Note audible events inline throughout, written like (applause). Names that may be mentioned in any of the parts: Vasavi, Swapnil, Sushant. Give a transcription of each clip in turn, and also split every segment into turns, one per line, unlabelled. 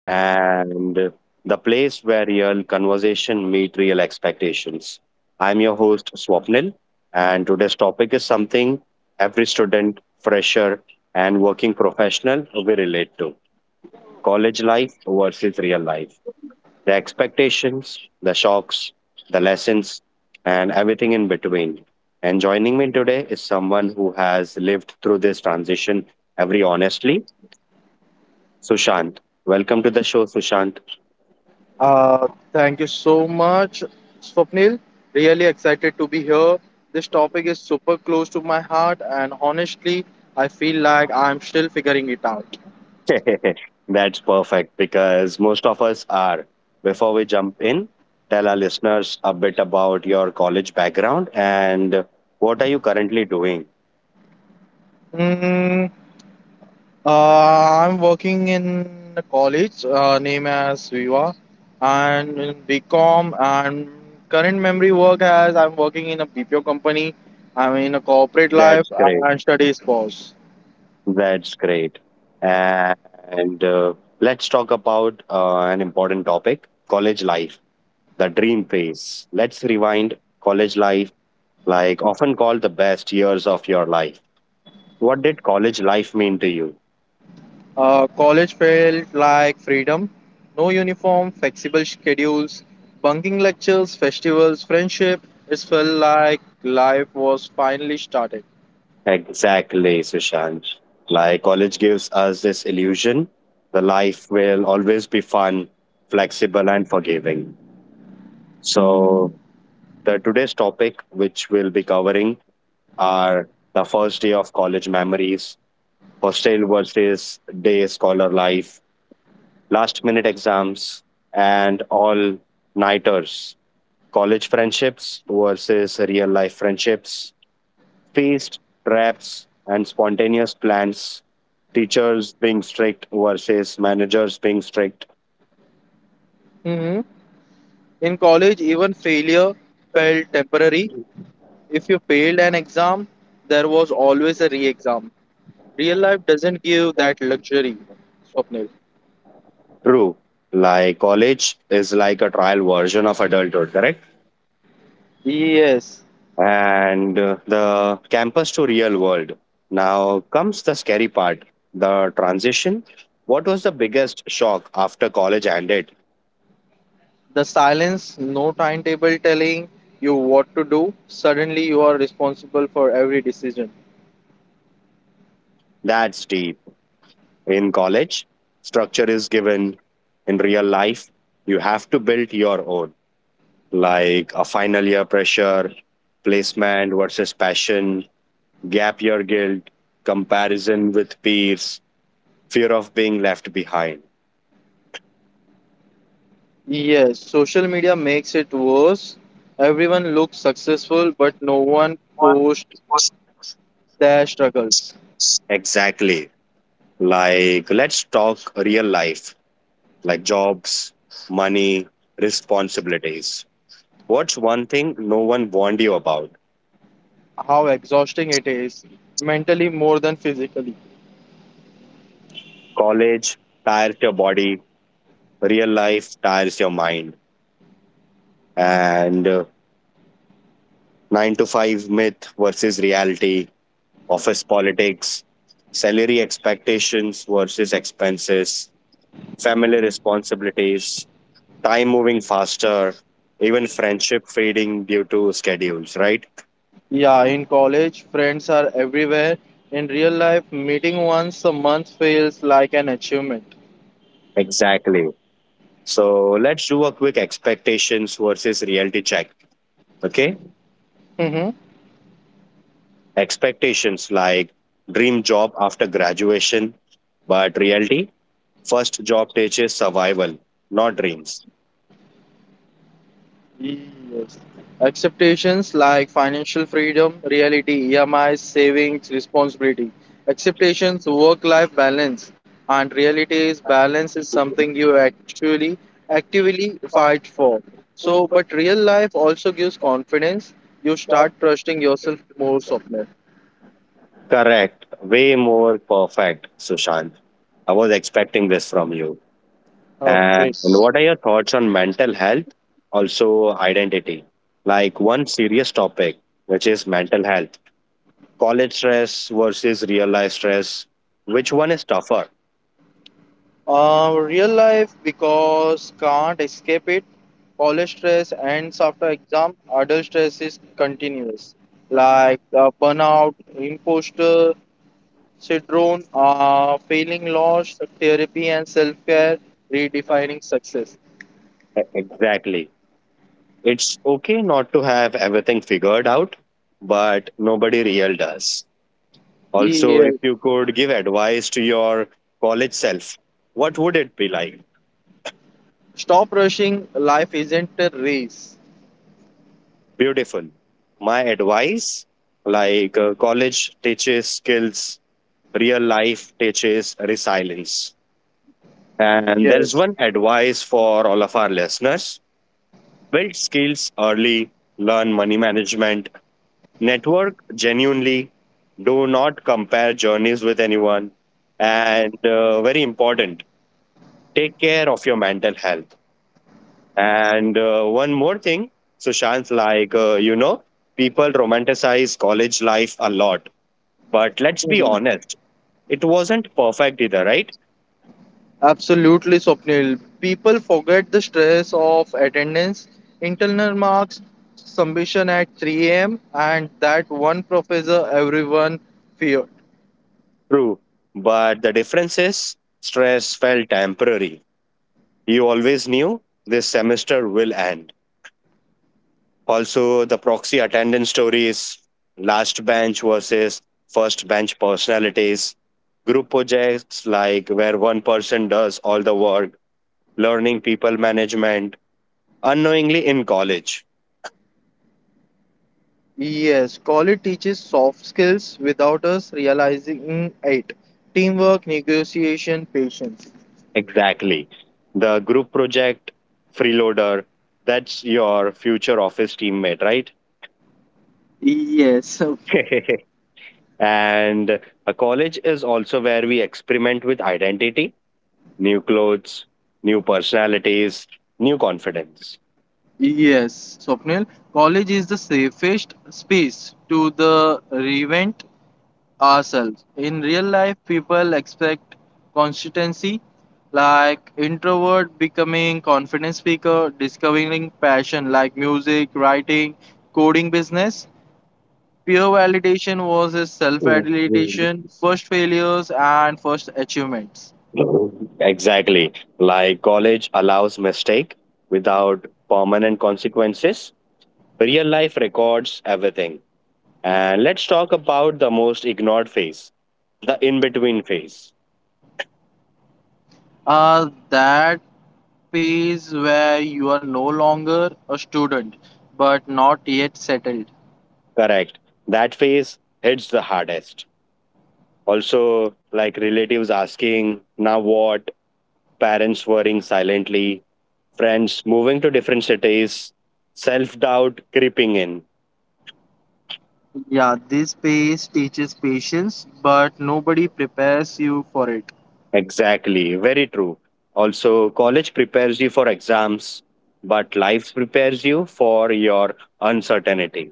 and the place where real conversation meet real expectations. I'm your host, Swapnil, and today's topic is something every student, fresher, and working professional will relate to college life versus real life. The expectations, the shocks, the lessons, and everything in between. And joining me today is someone who has lived through this transition every honestly Sushant. Welcome to the show, Sushant.
Uh, Thank you so much, Swapnil. Really excited to be here. This topic is super close to my heart, and honestly, I feel like I'm still figuring it out.
(laughs) That's perfect because most of us are. Before we jump in, tell our listeners a bit about your college background and what are you currently doing?
Mm, I'm working in a college named as Viva, and in BCom, and current memory work as I'm working in a BPO company. I'm in a corporate life
That's great.
and studies pause.
That's great. And let's talk about an important topic college life, the dream phase. Let's rewind college life, like often called the best years of your life. What did college life mean to you?
College felt like freedom. No uniform, flexible schedules, bunking lectures, festivals, friendship. It felt like life was finally started.
Exactly, Sushant. Like college gives us this illusion the life will always be fun, flexible, and forgiving. So, the today's topic, which we'll be covering, are the first day of college memories, hostel versus day scholar life, last minute exams, and all nighters, college friendships versus real life friendships, Feast, traps, and spontaneous plans, teachers being strict versus managers being strict.
hmm In college, even failure felt temporary. If you failed an exam, there was always a re exam. Real life doesn't give that luxury, Swapnil.
True. Like college is like a trial version of adulthood, correct?
Yes,
And the campus to real world. Now comes the scary part the transition. What was the biggest shock after college ended?
the silence, no timetable telling you what to do. Suddenly, you are responsible for every decision.
That's deep. In college, structure is given. In real life, you have to build your own. Like a final year pressure, placement versus passion, gap year guilt, comparison with peers, fear of being left behind.
Yes, social media makes it worse. Everyone looks successful, but no one posts their struggles.
Exactly. Like, let's talk real life, like jobs, money, responsibilities. What's one thing no one warned you about?
How exhausting it is, mentally more than physically.
College tires your body, real life tires your mind. And nine to five myth versus reality, office politics, salary expectations versus expenses, family responsibilities, time moving faster, even friendship fading due to schedules, right?
Yeah, in college, friends are everywhere. In real life, meeting once a month feels like an achievement.
Exactly. So let's do a quick expectations versus reality check. Okay.
(laughs)
Expectations like dream job after graduation, but reality, first job teaches survival, not dreams.
Yes. Expectations like financial freedom, reality, EMIs, savings, responsibility. Expectations, work life balance, and reality is balance is something you actually actively fight for. So, but real life also gives confidence. You start trusting yourself more, Swapnil.
Correct. Way more perfect, Sushant. I was expecting this from you.
Oh,
And
great.
what are your thoughts on mental health? Also, identity. Like one serious topic, which is mental health. College stress versus real life stress. Which one is tougher?
Real life because can't escape it. College stress ends after exam. Adult stress is
E-
continuous, like burnout, imposter syndrome, feeling lost, therapy and self care, redefining success.
Exactly. It's okay not to have everything figured out, but nobody real does. Also, if
Yes.
you could give advice to your college self, what would it be like?
Stop rushing. Life isn't a race.
Beautiful. My advice like college teaches skills, real life teaches resilience. And there's
Yes.
one advice for all of our listeners build skills early, learn money management, network genuinely, do not compare journeys with anyone. And very important, take care of your mental health And one more thing, Sushant, like, people romanticize college life a lot. But let's be
Mhm.
honest, it wasn't perfect either, right?
Absolutely, Swapnil. People forget the stress of attendance, internal marks, submission at 3 a.m., and that one professor everyone feared.
True. But the difference is stress felt temporary. You always knew this semester will end. Also, the proxy attendance stories, last bench versus first bench personalities, group projects like where one person does all the work, learning people management unknowingly in college.
Yes, college teaches soft skills without us realizing it. Teamwork, negotiation, patience.
Exactly. The group project, freeloader, that's your future office teammate, right?
Yes,
(laughs) and a college is also where we experiment with identity, new clothes, new personalities, new confidence.
yes, Swapnil. College is the safest space to the revent ourselves. In real life, people expect consistency, like introvert becoming confident speaker, discovering passion like music, writing, coding business. Peer validation was a self-validation, first failures and first achievements.
Exactly. Like college allows mistake without permanent consequences. Real life records everything. And let's talk about the most ignored phase, the in between phase.
That phase where you are no longer a student but not yet settled.
Correct. That phase hits the hardest. Also, like relatives asking, now what? Parents worrying silently, friends moving to different cities, self doubt creeping in.
Yeah, this phase teaches patience, but nobody prepares you for it.
Exactly. Very true. Also, college prepares you for exams, but life prepares you for your uncertainty.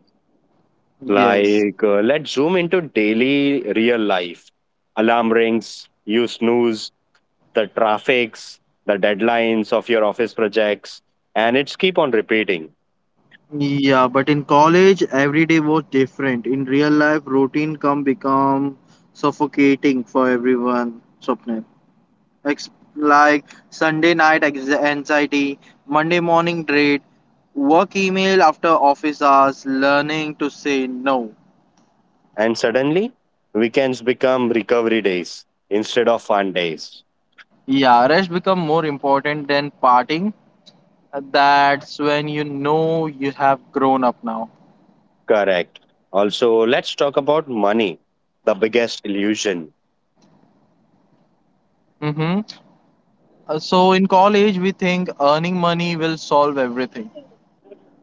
Yes.
Like, let's zoom into daily real life. Alarm rings, you snooze, the traffics, the deadlines of your office projects, and it's keep on repeating.
Yeah, but in college, every day was different. In real life, routine come become suffocating for everyone. Swapnil. Ex- like Sunday night anxiety, Monday morning dread, work email after office hours, learning to say no.
And suddenly, weekends become recovery days instead of fun days.
Yeah, rest become more important than partying. That's when you know you have grown up now.
Correct. Also, let's talk about money, the biggest illusion.
Mm-hmm. So in college, we think earning money will solve everything.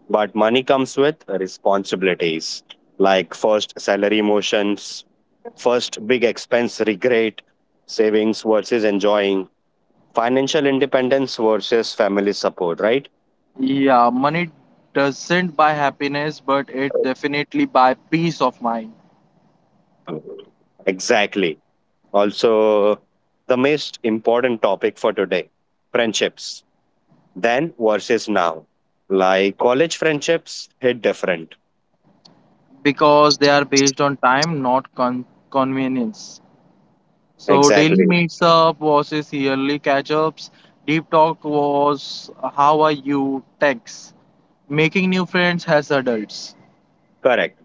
But money comes with responsibilities like first salary motions, first big expense regret, savings versus enjoying, financial independence versus family support, right?
Yeah, money doesn't buy happiness, but it definitely buy peace of mind
Exactly. Also, the most important topic for today friendships, then versus now. Like college friendships hit different.
because they are based on time, not convenience. So daily
Exactly.
meets up versus yearly catch ups. Deep talk was how are you text. Making new friends as adults.
Correct.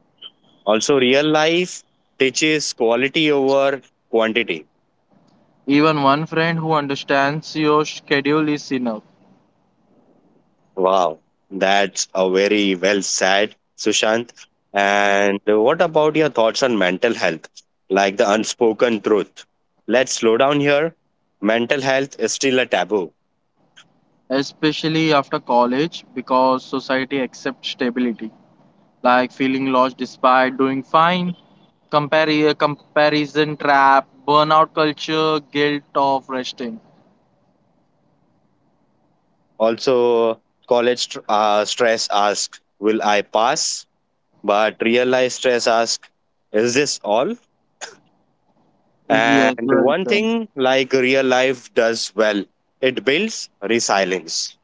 Also, real life teaches quality over quantity.
Even one friend who understands your schedule is enough,
Wow, that's a very well said, Sushant. And what about your thoughts on mental health, like the unspoken truth? Let's slow down here. Mental health is still a taboo.
especially after college because society accepts stability, like feeling lost despite doing fine comparison trap, burnout culture, guilt of resting.
Also, stress asks, Will I pass? But real life stress asks, Is this all?
Yes,
And
well
one
said.
thing like real life does well, it builds resilience.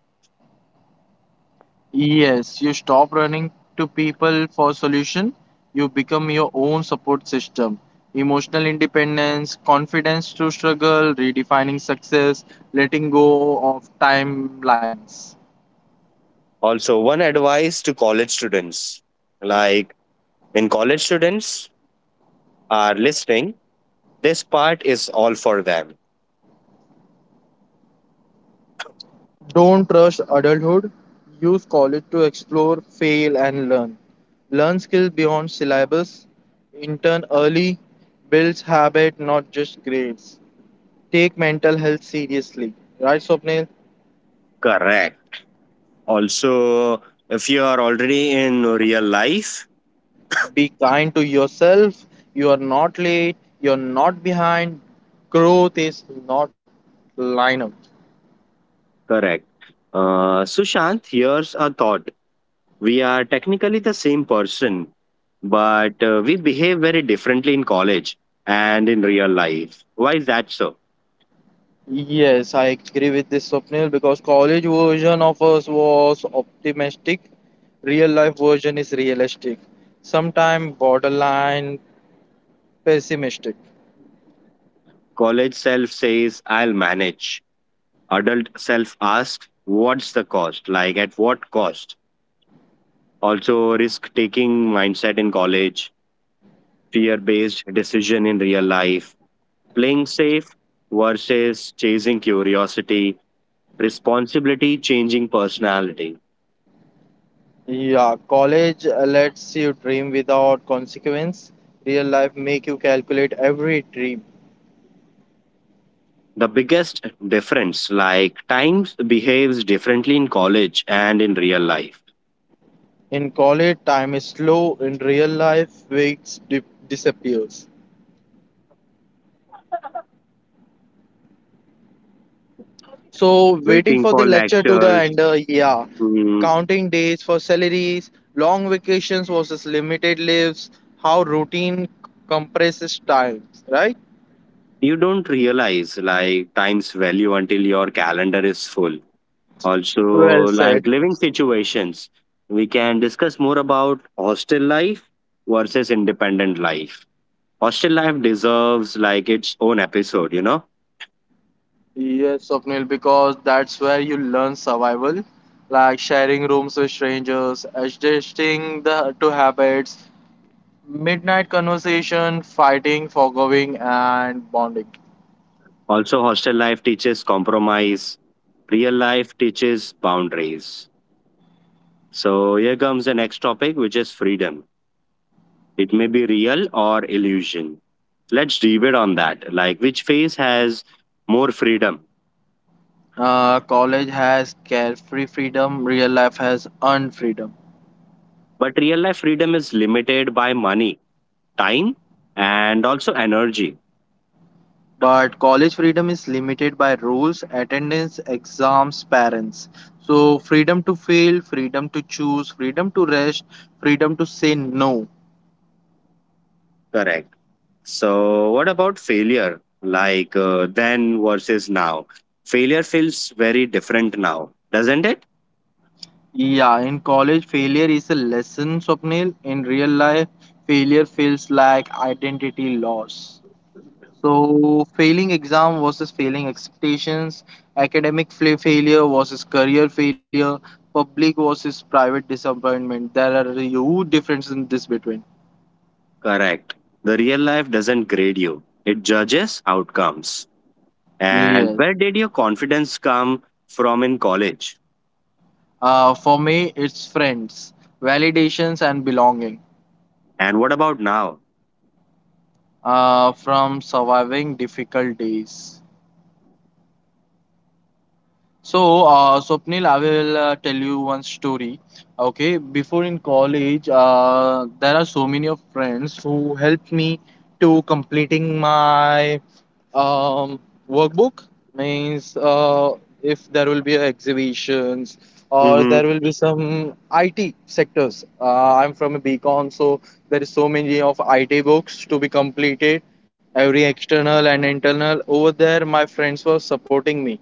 Yes, you stop running to people for solution. You become your own support system. Emotional independence, confidence to struggle, redefining success, letting go of timelines.
Also, one advice to college students like When college students are listening, this part is all for them.
Don't rush adulthood. Use college to explore, fail, and learn. Learn skills beyond syllabus. Intern early. Builds habit, not just grades. Take mental health seriously. Right, Swapnil?
Correct. Also, if you are already in real life,
Be kind to yourself. You are not late. You are not behind. Growth is not lineup.
correct. Sushant, here's a thought. We are technically the same person, but we behave very differently in college and in real life. Why is that so?
Yes, I agree with this Swapnil because college version of us was optimistic, real life version is realistic, sometimes borderline pessimistic.
College self says, I'll manage. Adult self asks, What's the cost? Like, at what cost? Also risk taking mindset in college, fear based decision in real life, playing safe versus chasing curiosity, responsibility changing personality.
Yeah, college lets you dream without consequence. Real life make you calculate every dream.
The biggest difference, like time, behaves differently in college and in real life.
In college, time is slow. In real life, weeks disappears. So waiting
Waiting
for the
for
lecture to the
lectures,
end, yeah.
mm,
Counting days for salaries, long vacations versus limited lives, how routine compresses time, right?
you don't realize like time's value until your calendar is full also
Well said.
like living situations we can discuss more about hostel life versus independent life hostel life deserves like its own episode you know
Yes, Swapnil, because that's where you learn survival, like sharing rooms with strangers, adjusting the to habits, midnight conversation, fighting, forgiving, and bonding.
also hostel life teaches compromise real life teaches boundaries so here comes the next topic which is freedom it may be real or illusion let's debate on that like which phase has more freedom
College has carefree freedom, real life has unfreedom.
but real life freedom is limited by money time and also energy.
But college freedom is limited by rules, attendance, exams, parents. So, freedom to fail, freedom to choose, freedom to rest, freedom to say no.
Correct. So, what about failure? Like then versus now? Failure feels very different now, doesn't it?
Yeah, in college, failure is a lesson, Swapnil. In real life, failure feels like identity loss. So, failing exam versus failing expectations, failure versus career failure, public versus private disappointment. There are huge differences in this between.
Correct. The real life doesn't grade you, it judges outcomes. And
Yes.
where did your confidence come from in college?
For me, it's friends, validations, and belonging
And what about now?
from surviving difficult days. So, Swapnil, I will tell you one story. Okay, before in college, there are so many of friends who helped me to completing my um, workbook. Means, if there will be exhibitions or there
Mm-hmm.
will be some IT sectors. I'm from a BCom, so there is so many of IT books to be completed, every external and internal. Over there, my friends were supporting me,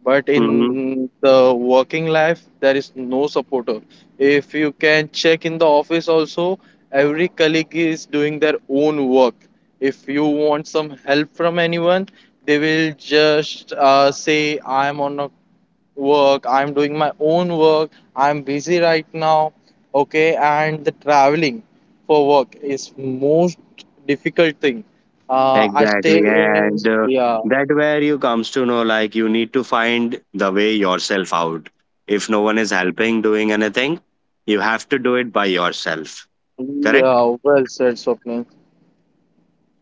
but
Mm-hmm.
in the working life there is no supporter. If you can check in the office also, every colleague is doing their own work. If you want some help from anyone, they will just say I'm on a work, I'm doing my own work, I'm busy right now. Okay, and the traveling for work is most difficult thing. I stay
Exactly.
in,
And
yeah.
that where you comes to know like you need to find the way yourself out. If no one is helping doing anything, you have to do it by yourself. Correct?
Yeah, well said Swapnil.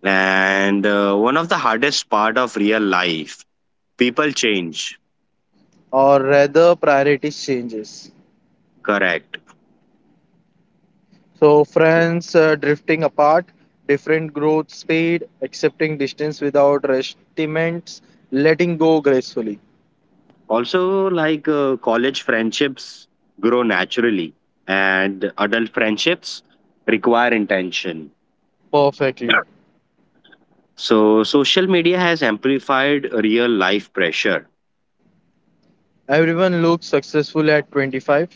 And one of the hardest part of real life, people change.
Or rather priorities changes.
Correct.
So friends drifting apart, different growth speed, accepting distance without resentments, letting go gracefully.
Also like college friendships grow naturally and adult friendships require intention.
Perfectly.
So social media has amplified real life pressure
Everyone looks successful at 25.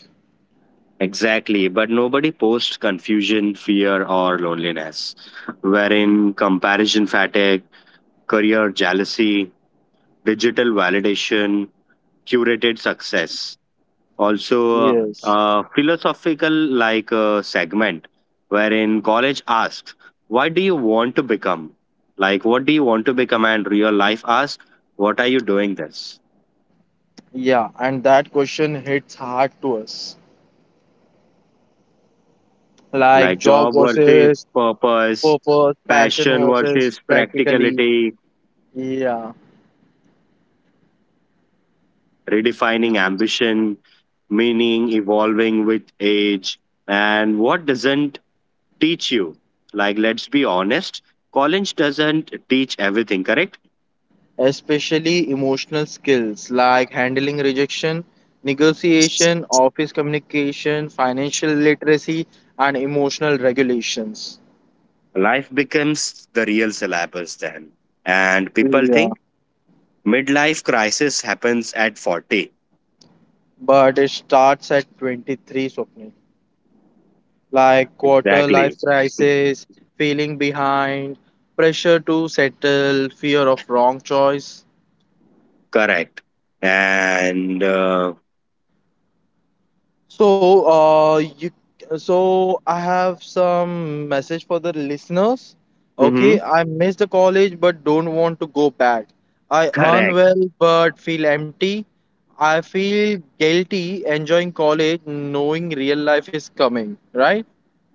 Exactly, but nobody posts confusion, fear, or loneliness, wherein comparison fatigue, career jealousy, digital validation, curated success. Also,
Yes.
a philosophical like segment wherein college asks, "Why do you want to become?" Like, what do you want to become? And real life asks, "What are you doing this?"
Yeah, and that question hits hard to us. Like
Like
job
job versus
versus
purpose,
purpose, passion
passion
versus
versus
practically.
practicality,
Yeah.
redefining ambition, meaning evolving with age, and what doesn't teach you. Like, let's be honest, college doesn't teach everything, correct?
Especially emotional skills like handling rejection, negotiation, office communication, financial literacy, and emotional regulations.
Life becomes the real syllabus then. And people
Yeah,
think midlife crisis happens at 40.
but it starts at 23, Swapnil. Like quarter
Exactly.
life crisis, feeling behind, pressure to settle, fear of wrong choice.
Correct. And,
So, so I have some message for the listeners.
mhm,
Okay, I missed the college but don't want to go back. I earn
correct.
well but feel empty. I feel guilty enjoying college, knowing real life is coming, right?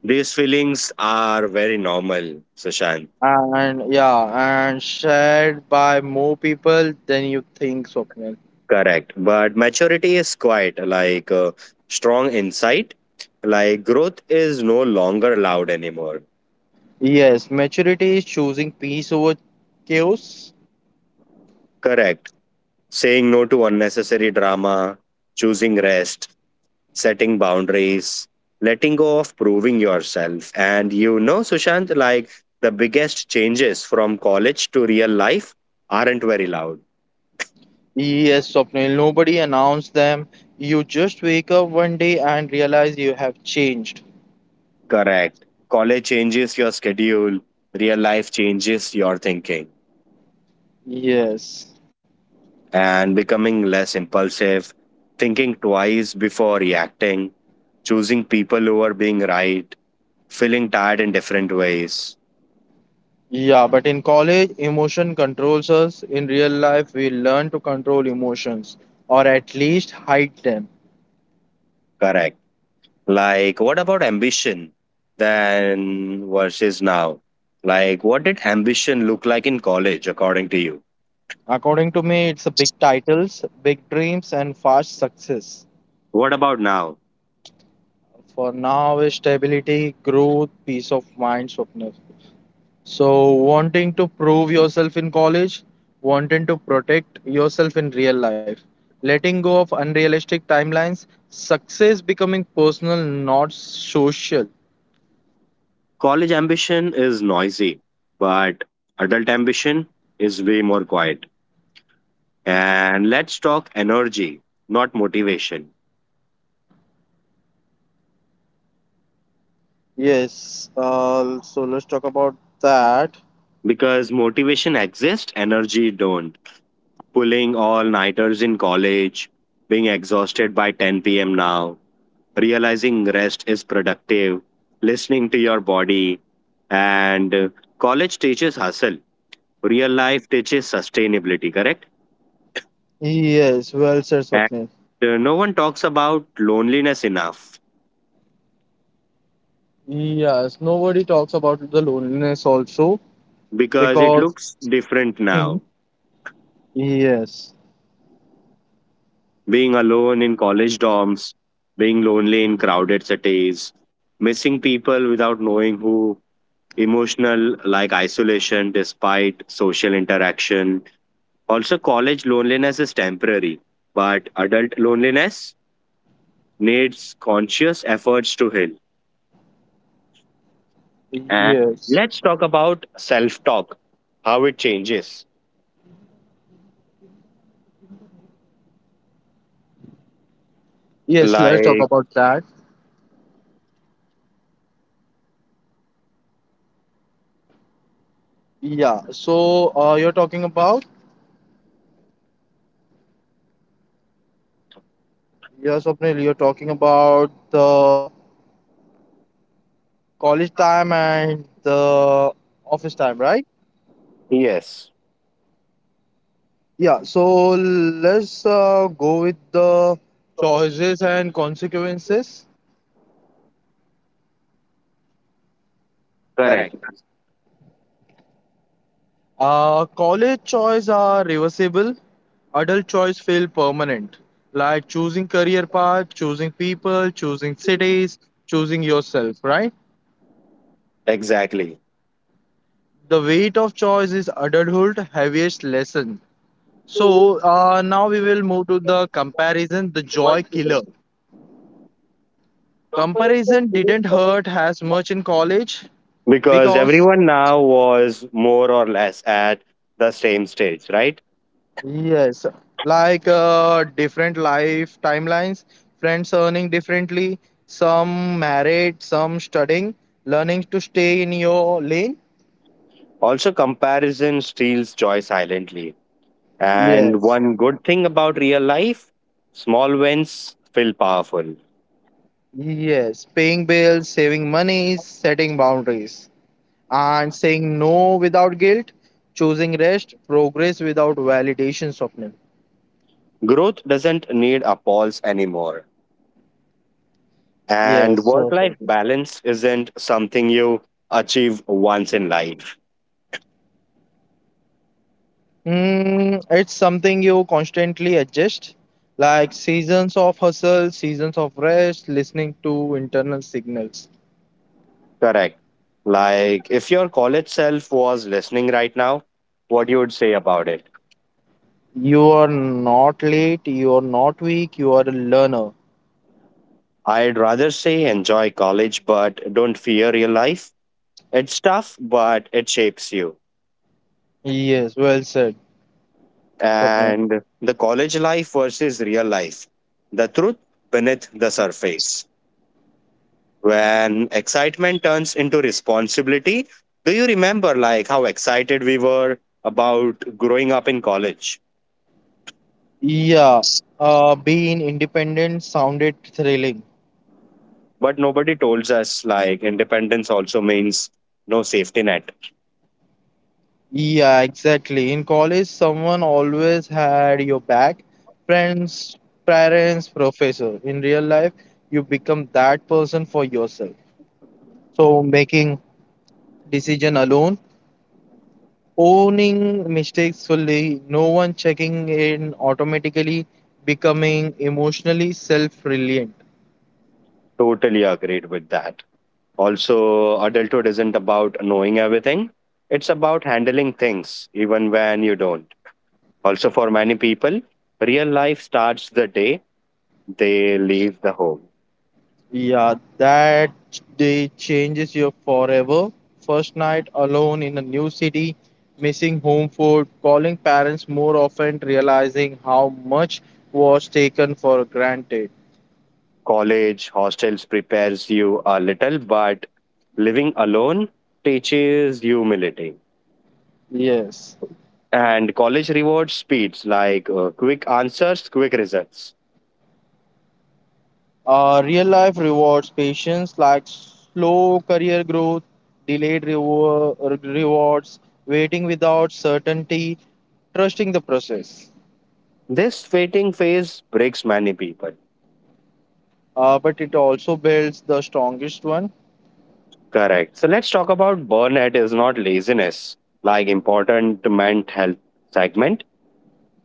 These feelings are very normal, Sushant.
And yeah, and shared by more people than you think, Swapnil.
Correct. But maturity is quite like strong insight. Like growth is no longer loud anymore.
Yes, maturity is choosing peace over chaos.
Correct. Saying no to unnecessary drama, choosing rest, setting boundaries, letting go of proving yourself. And you know, Sushant, like the biggest changes from college to real life aren't very loud.
Yes, Swapnil, nobody announced them. You just wake up one day and realize you have changed.
Correct. College changes your schedule, real life changes your thinking.
Yes.
And becoming less impulsive, thinking twice before reacting, choosing people over being right, feeling tired in different ways.
Yeah, but in college, emotion controls us. In real life, we learn to control emotions or at least hide them.
Correct. Like, what about ambition then versus now? Like, what did ambition look like in college, according to you?
According to me, it's a big titles, big dreams, and fast success.
What about now?
For now, is stability, growth, peace of mind, Swapnil. So, wanting to prove yourself in college, wanting to protect yourself in real life, letting go of unrealistic timelines, success becoming personal, not social.
College ambition is noisy, but adult ambition is way more quiet. And let's talk energy, not motivation
Yes, so let's talk about that.
because motivation exists energy don't pulling all nighters in college being exhausted by 10 p.m now realizing rest is productive listening to your body and college teaches hustle real life teaches sustainability correct
Yes, well said,
and
Swapnil.
no one talks about loneliness enough
Yes, nobody talks about the loneliness also
because it
because.
looks different
Mhm.
now
Yes,
being alone in college dorms, being lonely in crowded cities, missing people without knowing who, emotional like isolation despite social interaction. Also, college loneliness is temporary, but adult loneliness needs conscious efforts to heal. And
yes,
let's talk about self talk, how it changes.
yes, let's talk
Like,
about that. Yeah, so you're talking about? Yes, Swapnil, you're talking about the college time and the office time, right?
yes,
Yeah, so let's go with the choices and consequences.
correct,
College choice are reversible, adult choice feel permanent, like choosing career path, choosing people, choosing cities, choosing yourself, right?
exactly
The weight of choice is adulthood heaviest lesson. So now we will move to the comparison, the joy killer. Comparison didn't hurt as much in college
because
because
everyone now was more or less at the same stage, right?
yes, like different life timelines, friends earning differently, some married, some studying, learning to stay in your lane.
Also, comparison steals joy silently. And
Yes,
one good thing about real life small wins feel powerful.
yes, paying bills, saving money, setting boundaries, and saying no without guilt, choosing rest, progress without validation, Swapnil.
Growth doesn't need applause anymore.
Yes,
And
so
work life
exciting.
balance isn't something you achieve once in life.
Mm, it's something you constantly adjust, like seasons of hustle, seasons of rest, listening to internal signals.
Correct. Like, if your college self was listening right now, what you would say about it?
You are not late, you are not weak, you are a learner.
I'd rather say enjoy college, but don't fear real life. It's tough, but it shapes you.
Yes, well said, Swapna.
And the college life versus real life. The truth beneath the surface. When excitement turns into responsibility, do you remember like how excited we were about growing up in college?
Yeah, being independent sounded thrilling.
But nobody told us like independence also means no safety net.
Yeah, exactly. In college, someone always had your back, friends, parents, professor. In real life, you become that person for yourself. So, making decision alone, owning mistakes fully, no one checking in automatically, becoming emotionally self reliant.
Totally agreed with that. Also, adulthood isn't about knowing everything, it's about handling things even when you don't. Also, for many people, real life starts the day they leave the home.
Yeah, that day changes you forever. First night alone in a new city, missing home food, calling parents more often, realizing how much was taken for granted.
College, hostels prepares you a little, but living alone teaches humility.
Yes.
And college rewards speeds like quick answers, quick results.
Real life rewards patience like slow career growth, rewards, waiting without certainty, trusting the process.
This waiting phase breaks many people.
But it also builds the strongest one,
Correct. So let's talk about burnout is not laziness, like important mental health segment.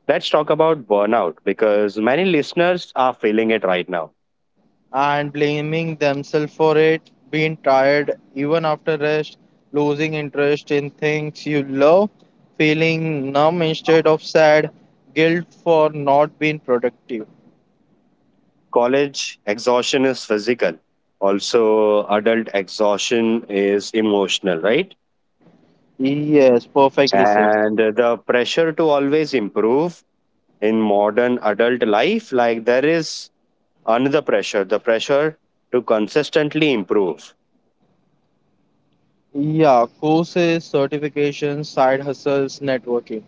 Let's talk about burnout because many listeners are feeling it right now.
and blaming themselves for it, being tired even after rest, losing interest in things you love, feeling numb instead of sad, guilt for not being productive.
College exhaustion is physical. Also, adult exhaustion is emotional, right?
Yes, perfectly said.
And the pressure to always improve in modern adult life, like there is another pressure, the pressure to consistently improve
Yeah, courses, certifications, side hustles, networking.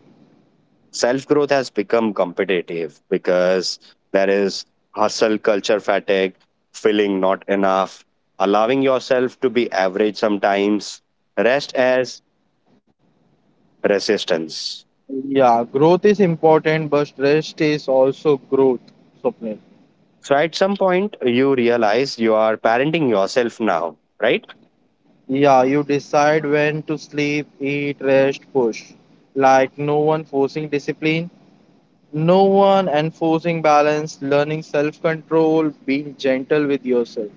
self growth has become competitive because there is hustle culture fatigue, feeling not enough, allowing yourself to be average sometimes, rest as resistance.
Yeah, growth is important, but rest is also growth, Swapnil.
So at some point, you realize you are parenting yourself now, right?
Yeah, you decide when to sleep, eat, rest, push. Like no one forcing discipline, no one enforcing balance, learning self control, being gentle with yourself.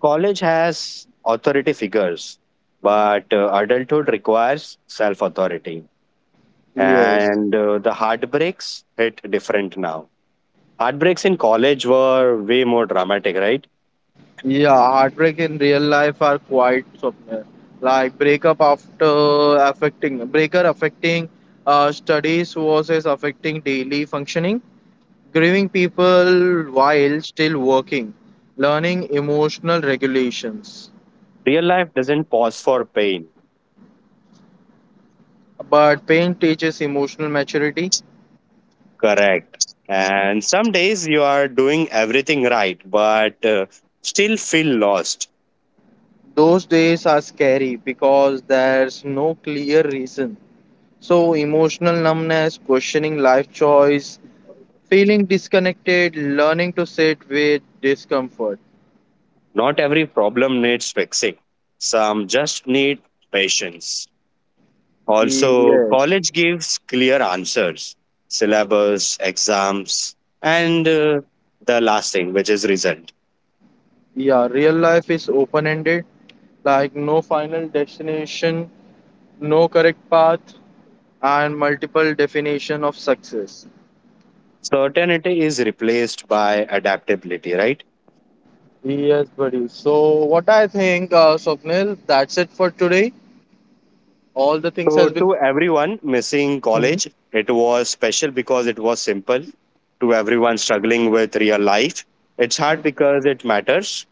College has authority figures, but adulthood requires self authority.
Yes.
And the heartbreaks hit different now. Heartbreaks in college were way more dramatic, right?
Yeah, heartbreak in real life are quite somewhere. Like breakup after affecting studies versus affecting daily functioning, grieving people while still working, learning emotional regulations.
Real life doesn't pause for pain.
But pain teaches emotional maturity.
Correct. And some days you are doing everything right, but still feel lost.
Those days are scary because there's no clear reason. So, emotional numbness, questioning life choice, feeling disconnected, learning to sit with discomfort.
Not every problem needs fixing, some just need patience. Also,
Yes.
college gives clear answers syllabus, exams, and the last thing, which is result.
Yeah, real life is open ended, like no final destination, no correct path, and multiple definition of success.
Certainty is replaced by adaptability, right?
Yes, buddy. So, what I think, Swapnil, that's it for today. All the things
So,
has been.
to everyone missing
Mhm.
college, it was special because it was simple. To everyone struggling with real life, it's hard because it matters.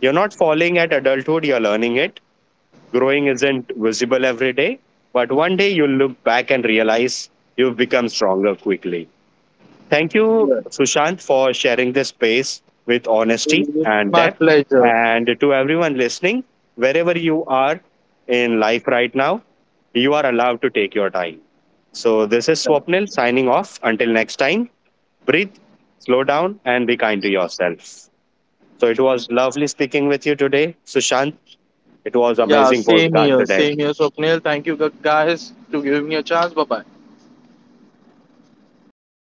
You're not falling at adulthood, you're learning it. Growing isn't visible every day, but one day you'll look back and realize you've become stronger quickly. Thank you,
Yeah.
Sushant, for sharing this space with honesty
It's
and
my
depth.
pleasure.
And to everyone listening, wherever you are in life right now, you are allowed to take your time. So this is Swapnil signing off. Until next time, breathe, slow down, and be kind to yourself. So it was lovely speaking with you today, Sushant. It was
Yeah,
amazing podcast today.
same here, Swapnil. Thank you guys to giving me a chance. Bye bye.